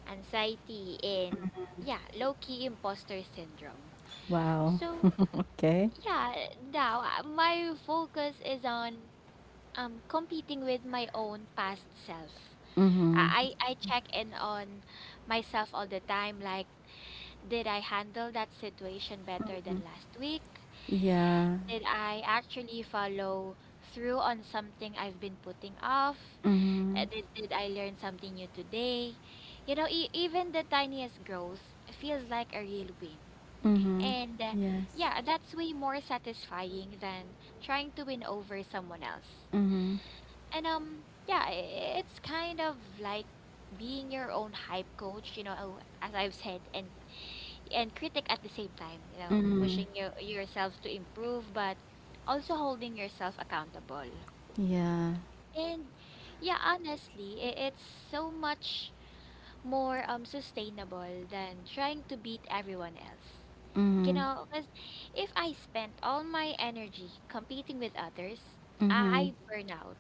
anxiety, and yeah, low key imposter syndrome. Wow, So, [laughs] okay. yeah, now my focus is on competing with my own past self. Mm-hmm. I check in on myself all the time, like, did I handle that situation better than last week? Yeah. Did I actually follow through on something I've been putting off? Did I learn something new today? You know, e- even the tiniest growth feels like a real win. Mm-hmm. And Yes. yeah, that's way more satisfying than trying to win over someone else. Mm-hmm. And yeah, it's kind of like being your own hype coach, you know, as I've said, and critic at the same time, you know, Mm-hmm. pushing yourself to improve, but also holding yourself accountable. Yeah. And yeah, honestly, it's so much more sustainable than trying to beat everyone else. You Mm-hmm. know, 'cause if I spent all my energy competing with others, Mhm. I'd burn out,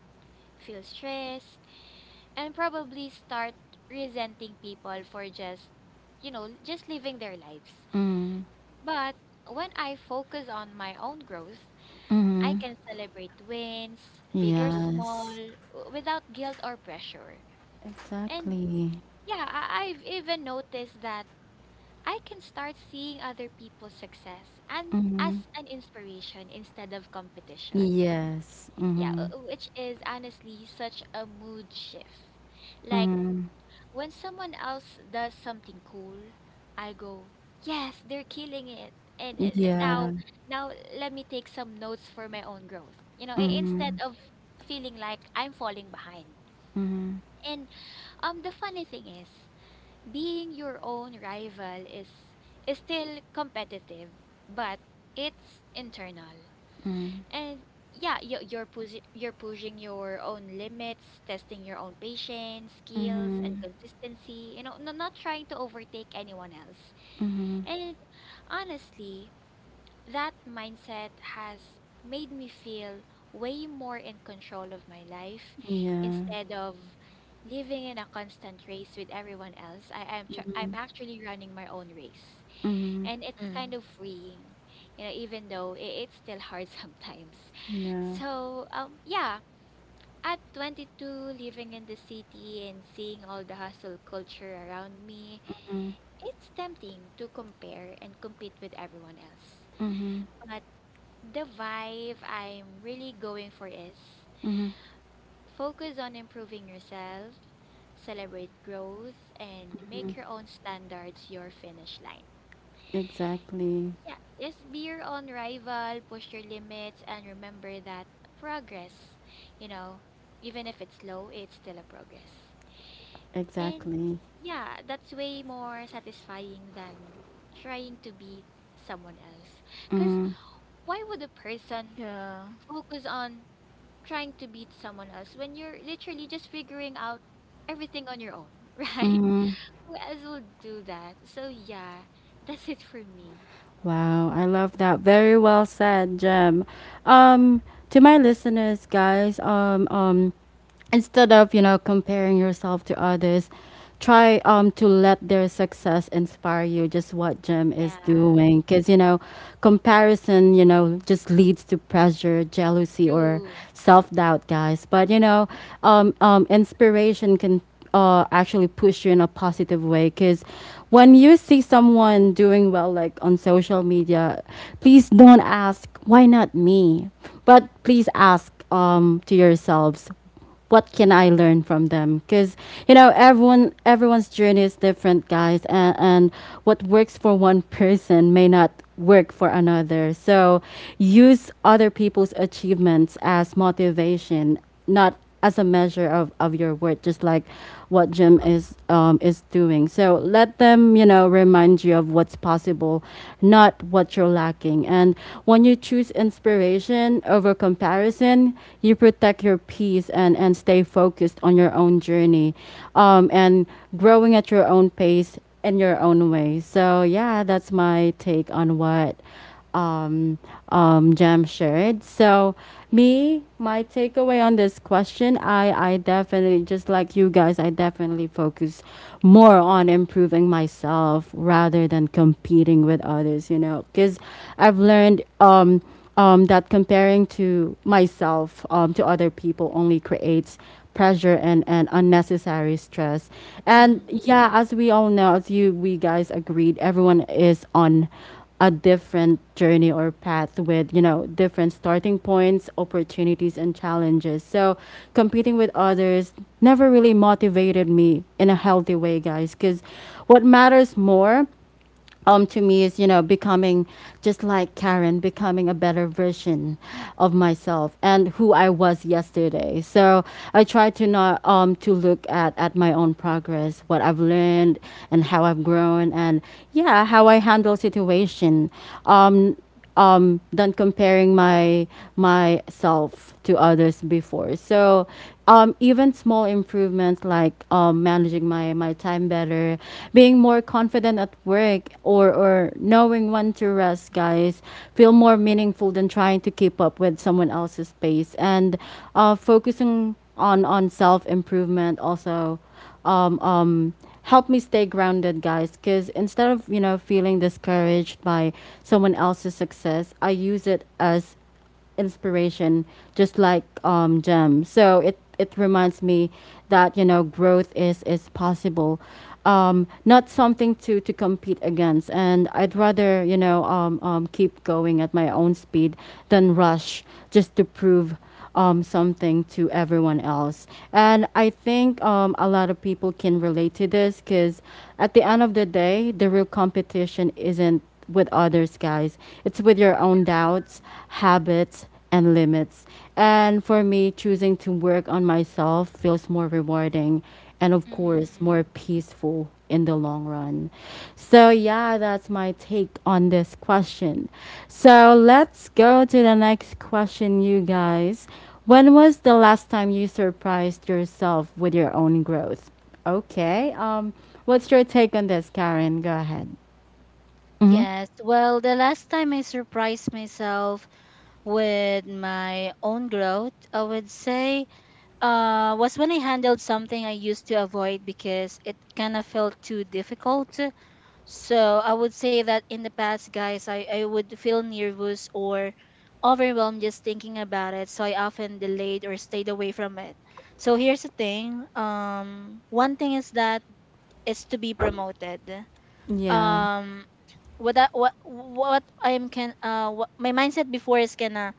feel stressed, and probably start resenting people for just living their lives. Mm. But when I focus on my own growth, I Mhm. can celebrate wins, big or small, Yes. Without guilt or pressure. And Exactly. yeah, I've even noticed that I can start seeing other people's success and Mhm. as an inspiration instead of competition. Yes. Yeah, Mhm. Which is honestly such a mood shift. Like Mhm. when someone else does something cool, I go, "Yes, they're killing it." And Yeah. now now let me take some notes for my own growth. You know, instead Mhm. of feeling like I'm falling behind. Mhm. And the funny thing is being your own rival is still competitive, but it's internal. And yeah, you're pushing your own limits, testing your own patience, skills, and Mhm. consistency. You know, not trying to overtake anyone else. And honestly, that mindset has made me feel way more in control of my life Yeah. instead of living in a constant race with everyone else. Mhm. I'm actually running my own race, Mhm. and it's kind Mm-hmm. of freeing, you know, even though it's still hard [laughs] sometimes. Yeah. So, yeah, at 22 living in the city and seeing all the hustle culture around me, it's tempting to compare and compete with everyone else. Mhm. But the vibe I'm really going for is Mhm. focus on improving yourself, celebrate growth, and make your own standards your finish line. Exactly. Yeah, just be your own rival, push your limits, and remember that progress, you know, even if it's slow, it's still a progress. And Exactly. yeah, that's way more satisfying than trying to beat someone else. Because Mhm. why would a person Yeah. focus on trying to beat someone else when you're literally just figuring out everything on your own, [laughs] right? Mhm. Who else will do that? So yeah, that's it for me. Wow, I love that. Very well said, Jem. Um, to my listeners, guys, instead of, you know, comparing yourself to others, try to let their success inspire you, just what Jim is Yeah, doing. Because you know, comparison, you know, just leads to pressure, jealousy, or true. self-doubt, guys, but you know, inspiration can actually push you in a positive way, because when you see someone doing well, like on social media, please don't ask, "Why not me?" But please ask, to yourselves, "What can I learn from them?" Because you know, everyone's journey is different, guys, and what works for one person may not work for another. So use other people's achievements as motivation, not as a measure of your worth, just like what Jim is, is doing. So let them, you know, remind you of what's possible, not what you're lacking. And when you choose inspiration over comparison, you protect your peace and stay focused on your own journey, and growing at your own pace in your own way. So yeah, that's my take on what um, Jam shared. So me, my takeaway on this question, I definitely, just like you guys, I definitely focus more on improving myself rather than competing with others, you know, because I've learned, that comparing to myself to other people only creates pressure and unnecessary stress. And Mm-hmm. yeah, as we all know, as you we guys agreed, everyone is on a different journey or path with, you know, different starting points, opportunities, and challenges. So competing with others never really motivated me in a healthy way, guys, because what matters more to me is, you know, becoming, just like Karen, becoming a better version of myself and who I was yesterday. So I try to not, to look at my own progress, what I've learned, and how I've grown, and yeah, how I handle situation. Um, than comparing my myself to others before. So even small improvements like managing my time better, being more confident at work, or knowing when to rest, guys, feel more meaningful than trying to keep up with someone else's pace. And focusing on self improvement also um, um, help me stay grounded, guys. Because instead of, feeling discouraged by someone else's success, I use it as inspiration, just like Gem. It reminds me that, growth is possible. Not something to compete against. And I'd rather, keep going at my own speed than rush just to prove something to everyone else. And I think a lot of people can relate to this because at the end of the day, the real competition isn't with others, guys. It's with your own doubts, habits, and limits. And for me, choosing to work on myself feels more rewarding and, of course, Mm-hmm. more peaceful in the long run. So yeah, that's my take on this question. So let's go to the next question, you guys. When was the last time you surprised yourself with your own growth? Okay. What's your take on this, Karen? Go ahead. Mhm. Yes, well, the last time I surprised myself with my own growth, I would say, was when I handled something I used to avoid because it kind of felt too difficult. So I would say that in the past, guys, I would feel nervous or overwhelmed just thinking about it, so I often delayed or stayed away from it. So here's the thing. One thing is that is to be promoted. Yeah. Um, what I am can what, my mindset before is gonna,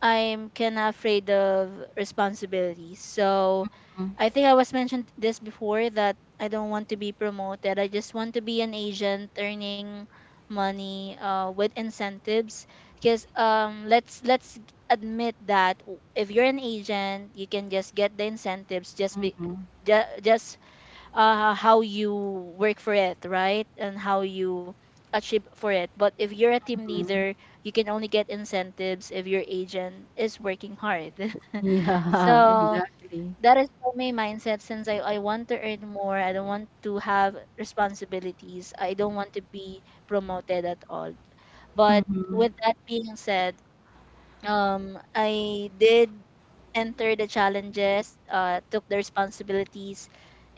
I'm kind of afraid of responsibilities. So I think I was mentioned this before that I don't want to be promoted. I just want to be an agent earning money with incentives, because let's admit that if you're an agent, you can just get the incentives, just how you work for it, right? And how you achieve for it. But if you're a team leader, you can only get incentives if your agent is working hard. [laughs] Yeah, [laughs] So exactly. that is my mindset, since I want to earn more. I don't want to have responsibilities. I don't want to be promoted at all. But with that being said, I did enter the challenges, took the responsibilities,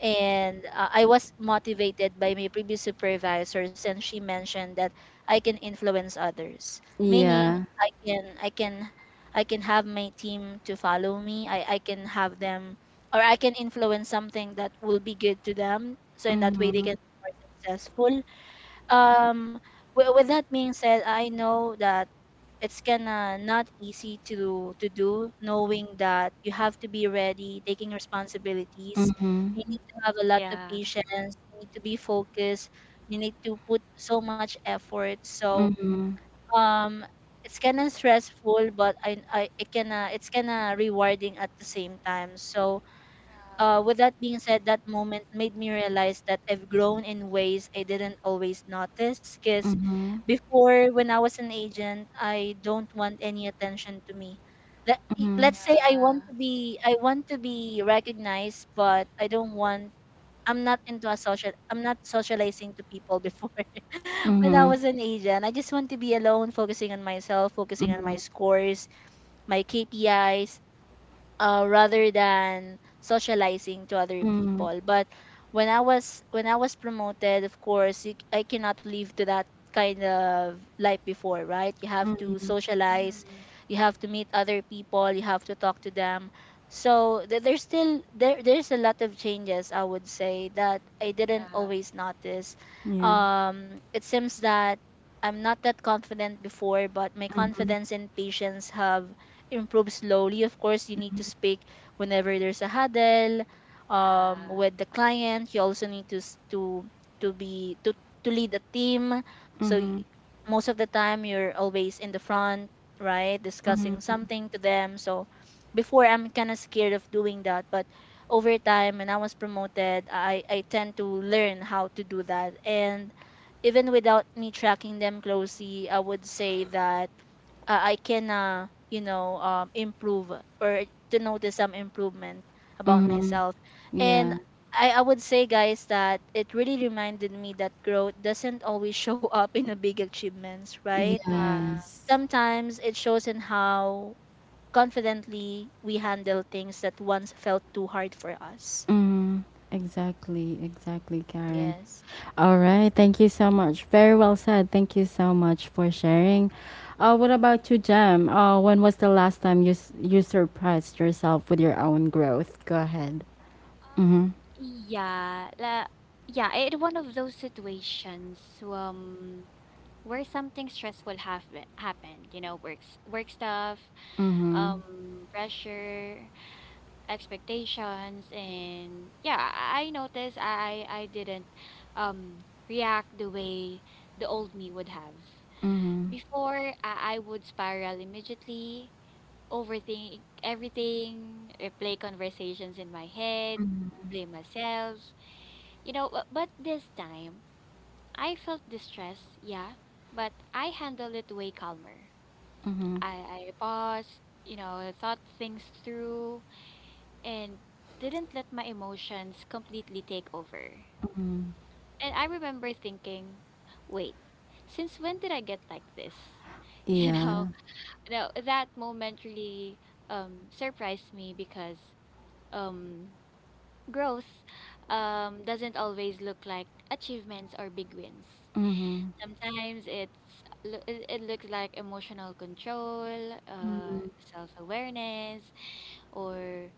and I was motivated by my previous supervisors, and she mentioned that I can influence others, meaning Yeah. I can I can I can have my team to follow me. I can have them, or I can influence something that will be good to them, so in that way they Mhm. can be more successful. Um, with that being said, I know that it's gonna not easy to do, knowing that you have to be ready taking responsibilities, Mhm. you need to have a lot of Yeah. patience, you need to be focused, you need to put so much effort. So Mhm. um it's kind of stressful, but I, it can it's kind of rewarding at the same time. So Yeah. With that being said, that moment made me realize that I've grown in ways I didn't always notice. Because Mhm. before, when I was an agent, I don't want any attention to me. Let, Mhm. let's say I want Yeah. to be, I want to be recognized, but I don't want. I'm not into a social. I'm not socializing to people before. [laughs] When I was Mhm. an Mm-hmm. agent, I just want to be alone, focusing on myself, focusing on my Mhm. scores, my KPIs, rather than socializing to other Mhm. people. But when I was, when I was promoted, of course, you, I cannot live to that kind of life before, right? You have to socialize, Mm-hmm. you have to meet other people, you have to talk to them. So there's still there's a lot of changes, I would say, that I didn't Yeah. always notice. Yeah. It seems that I'm not that confident before, but my Mhm, confidence and patience have improve slowly. Of course, you need to speak whenever there's a huddle Yeah. with the client. You also need to to be to lead a team. So mhm, most of the time, you're always in the front, right, discussing something to them. So before, I'm kind of scared of doing that, but over time, when I was promoted, I tend to learn how to do that, and even without me tracking them closely, I would say that I can you know, improve or to notice some improvement about mhm. myself. And Yeah. I would say, guys, that it really reminded me that growth doesn't always show up in the big achievements, right? Yeah. Yes. Sometimes it shows in how confidently we handle things that once felt too hard for us. Mhm. Exactly, exactly, Karen. Yes. All right. Thank you so much. Very well said. Thank you so much for sharing. What about you, Jem? When was the last time you you surprised yourself with your own growth? Go ahead. Um, Mhm. yeah, yeah, it one of those situations. Where something stressful happened, you know, work stuff, Mhm. Pressure, expectations, and yeah, I noticed I didn't um react the way the old me would have. Mhm. Before I would spiral immediately, overthink everything, replay conversations in my head, blame myself, you know, but this time, I felt distress, yeah, but I handled it way calmer. Mhm. I paused, you know, thought things through, and didn't let my emotions completely take over. And I remember thinking, wait, since when did I get like this? [laughs] You know, Yeah. no, that moment really surprised me because um, growth doesn't always look like achievements or big wins. Mhm. Sometimes it it looks like emotional control, self-awareness, or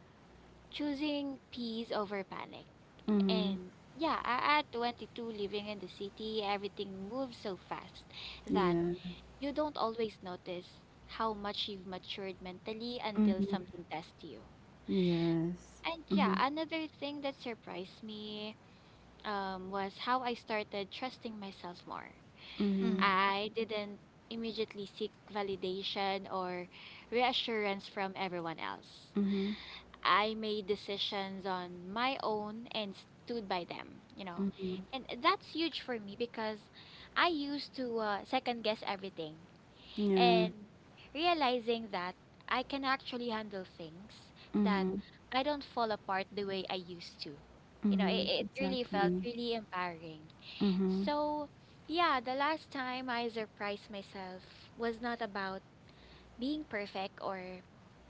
choosing peace over panic. Mhm. And yeah, at 22, living in the city, everything moves so fast that Yeah. you don't always notice how much you've matured mentally until Mhm. something tests you. Yes. And yeah, Mhm. another thing that surprised me was how I started trusting myself more. Mhm. Mm-hmm. I didn't immediately seek validation or reassurance from everyone else. Mhm. I made decisions on my own and stood by them, you know. Mhm. And that's huge for me because I used to second guess everything. Yeah. And realizing that I can actually handle things, that Mm-hmm. I don't fall apart the way I used to. You know, Mm-hmm. It really felt Exactly. really empowering. Mm-hmm. So, yeah, the last time I surprised myself was not about being perfect or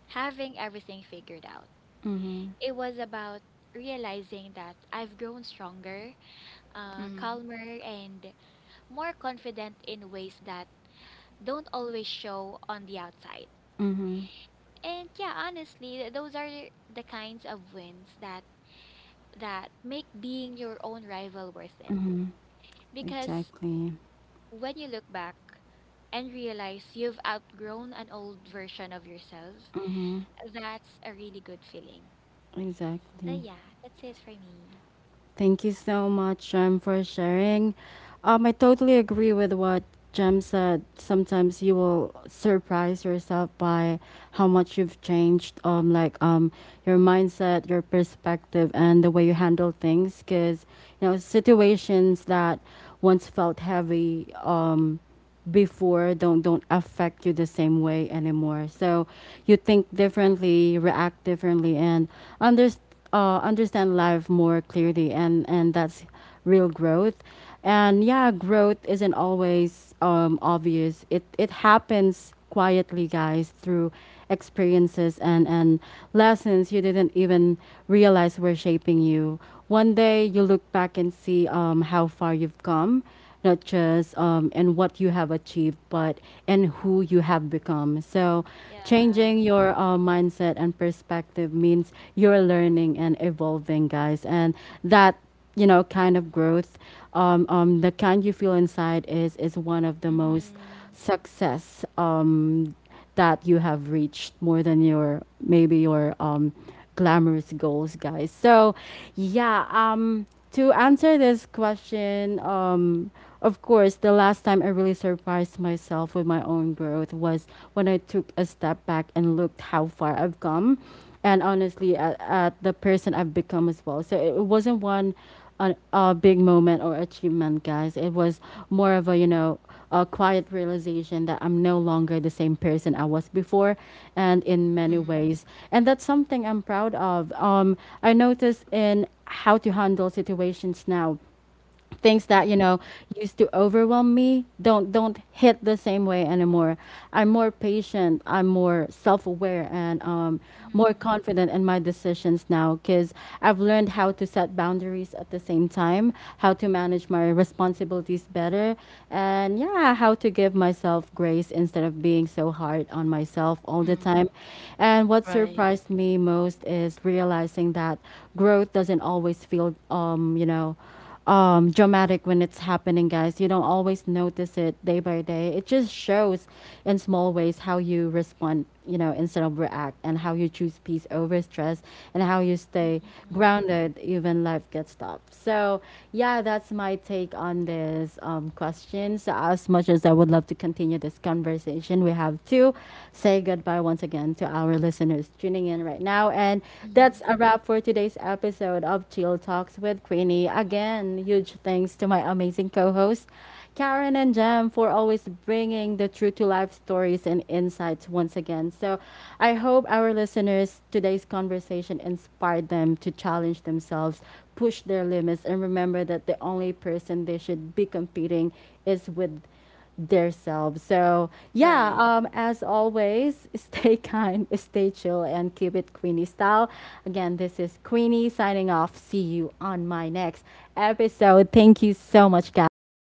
having everything figured out. Mm-hmm. It was about realizing that I've grown stronger, Mm-hmm. calmer, and more confident in ways that don't always show on the outside. Mm-hmm. And yeah, honestly, those are the kinds of wins that make being your own rival worth it. Mm-hmm. Because Exactly. when you look back and realize you've outgrown an old version of yourself, that's a really good feeling. So Exactly. yeah, that's it for me. Thank you so much, Jem, for sharing. I totally agree with what Jem said. Sometimes you will surprise yourself by how much you've changed, like your mindset, your perspective, and the way you handle things. Because you know situations that once felt heavy, before don't affect you the same way anymore. So you think differently, react differently, and understand understand life more clearly, and that's real growth. And yeah, growth isn't always obvious. It happens quietly, guys, through experiences and lessons you didn't even realize were shaping you. One day you look back and see how far you've come, not just in what you have achieved, but in who you have become. So, changing Yeah. your mindset and perspective means you're learning and evolving, guys. And that, you know, kind of growth, the kind you feel inside, is one of the most Mm-hmm. success that you have reached, more than your maybe your glamorous goals, guys. So, yeah. To answer this question, of course, the last time I really surprised myself with my own growth was when I took a step back and looked how far I've come, and honestly, at the person I've become as well. So it wasn't one, a big moment or achievement, guys. It was more of, a you know, a quiet realization that I'm no longer the same person I was before, and in many Mm-hmm. ways. And that's something I'm proud of. I notice in how to handle situations now, things that, you know, Mm-hmm. used to overwhelm me don't hit the same way anymore. I'm more patient, I'm more self-aware, and more Mm-hmm. confident in my decisions now, because I've learned how to set boundaries, at the same time how to manage my responsibilities better, and yeah, how to give myself grace instead of being so hard on myself all Mm-hmm. the time. And what Right. surprised me most is realizing that growth doesn't always feel dramatic when it's happening, guys. You don't always notice it day by day. It just shows in small ways, how you respond, you know, instead of react, and how you choose peace over stress, and how you stay Mm-hmm. grounded even life gets tough. So, yeah, that's my take on this question. So, as much as I would love to continue this conversation, we have to say goodbye once again to our listeners tuning in right now. And Mm-hmm. that's a wrap for today's episode of Chill Talks with Queenie. Again, huge thanks to my amazing co hosts Karen and Jem, for always bringing the true to life stories and insights once again. So I hope our listeners, today's conversation inspired them to challenge themselves, push their limits, and remember that the only person they should be competing is with their selves. So yeah, Right. As always, [laughs] stay kind, stay chill, and keep it Queenie style. Again, this is Queenie signing off. See you on my next episode. Thank you so much, guys.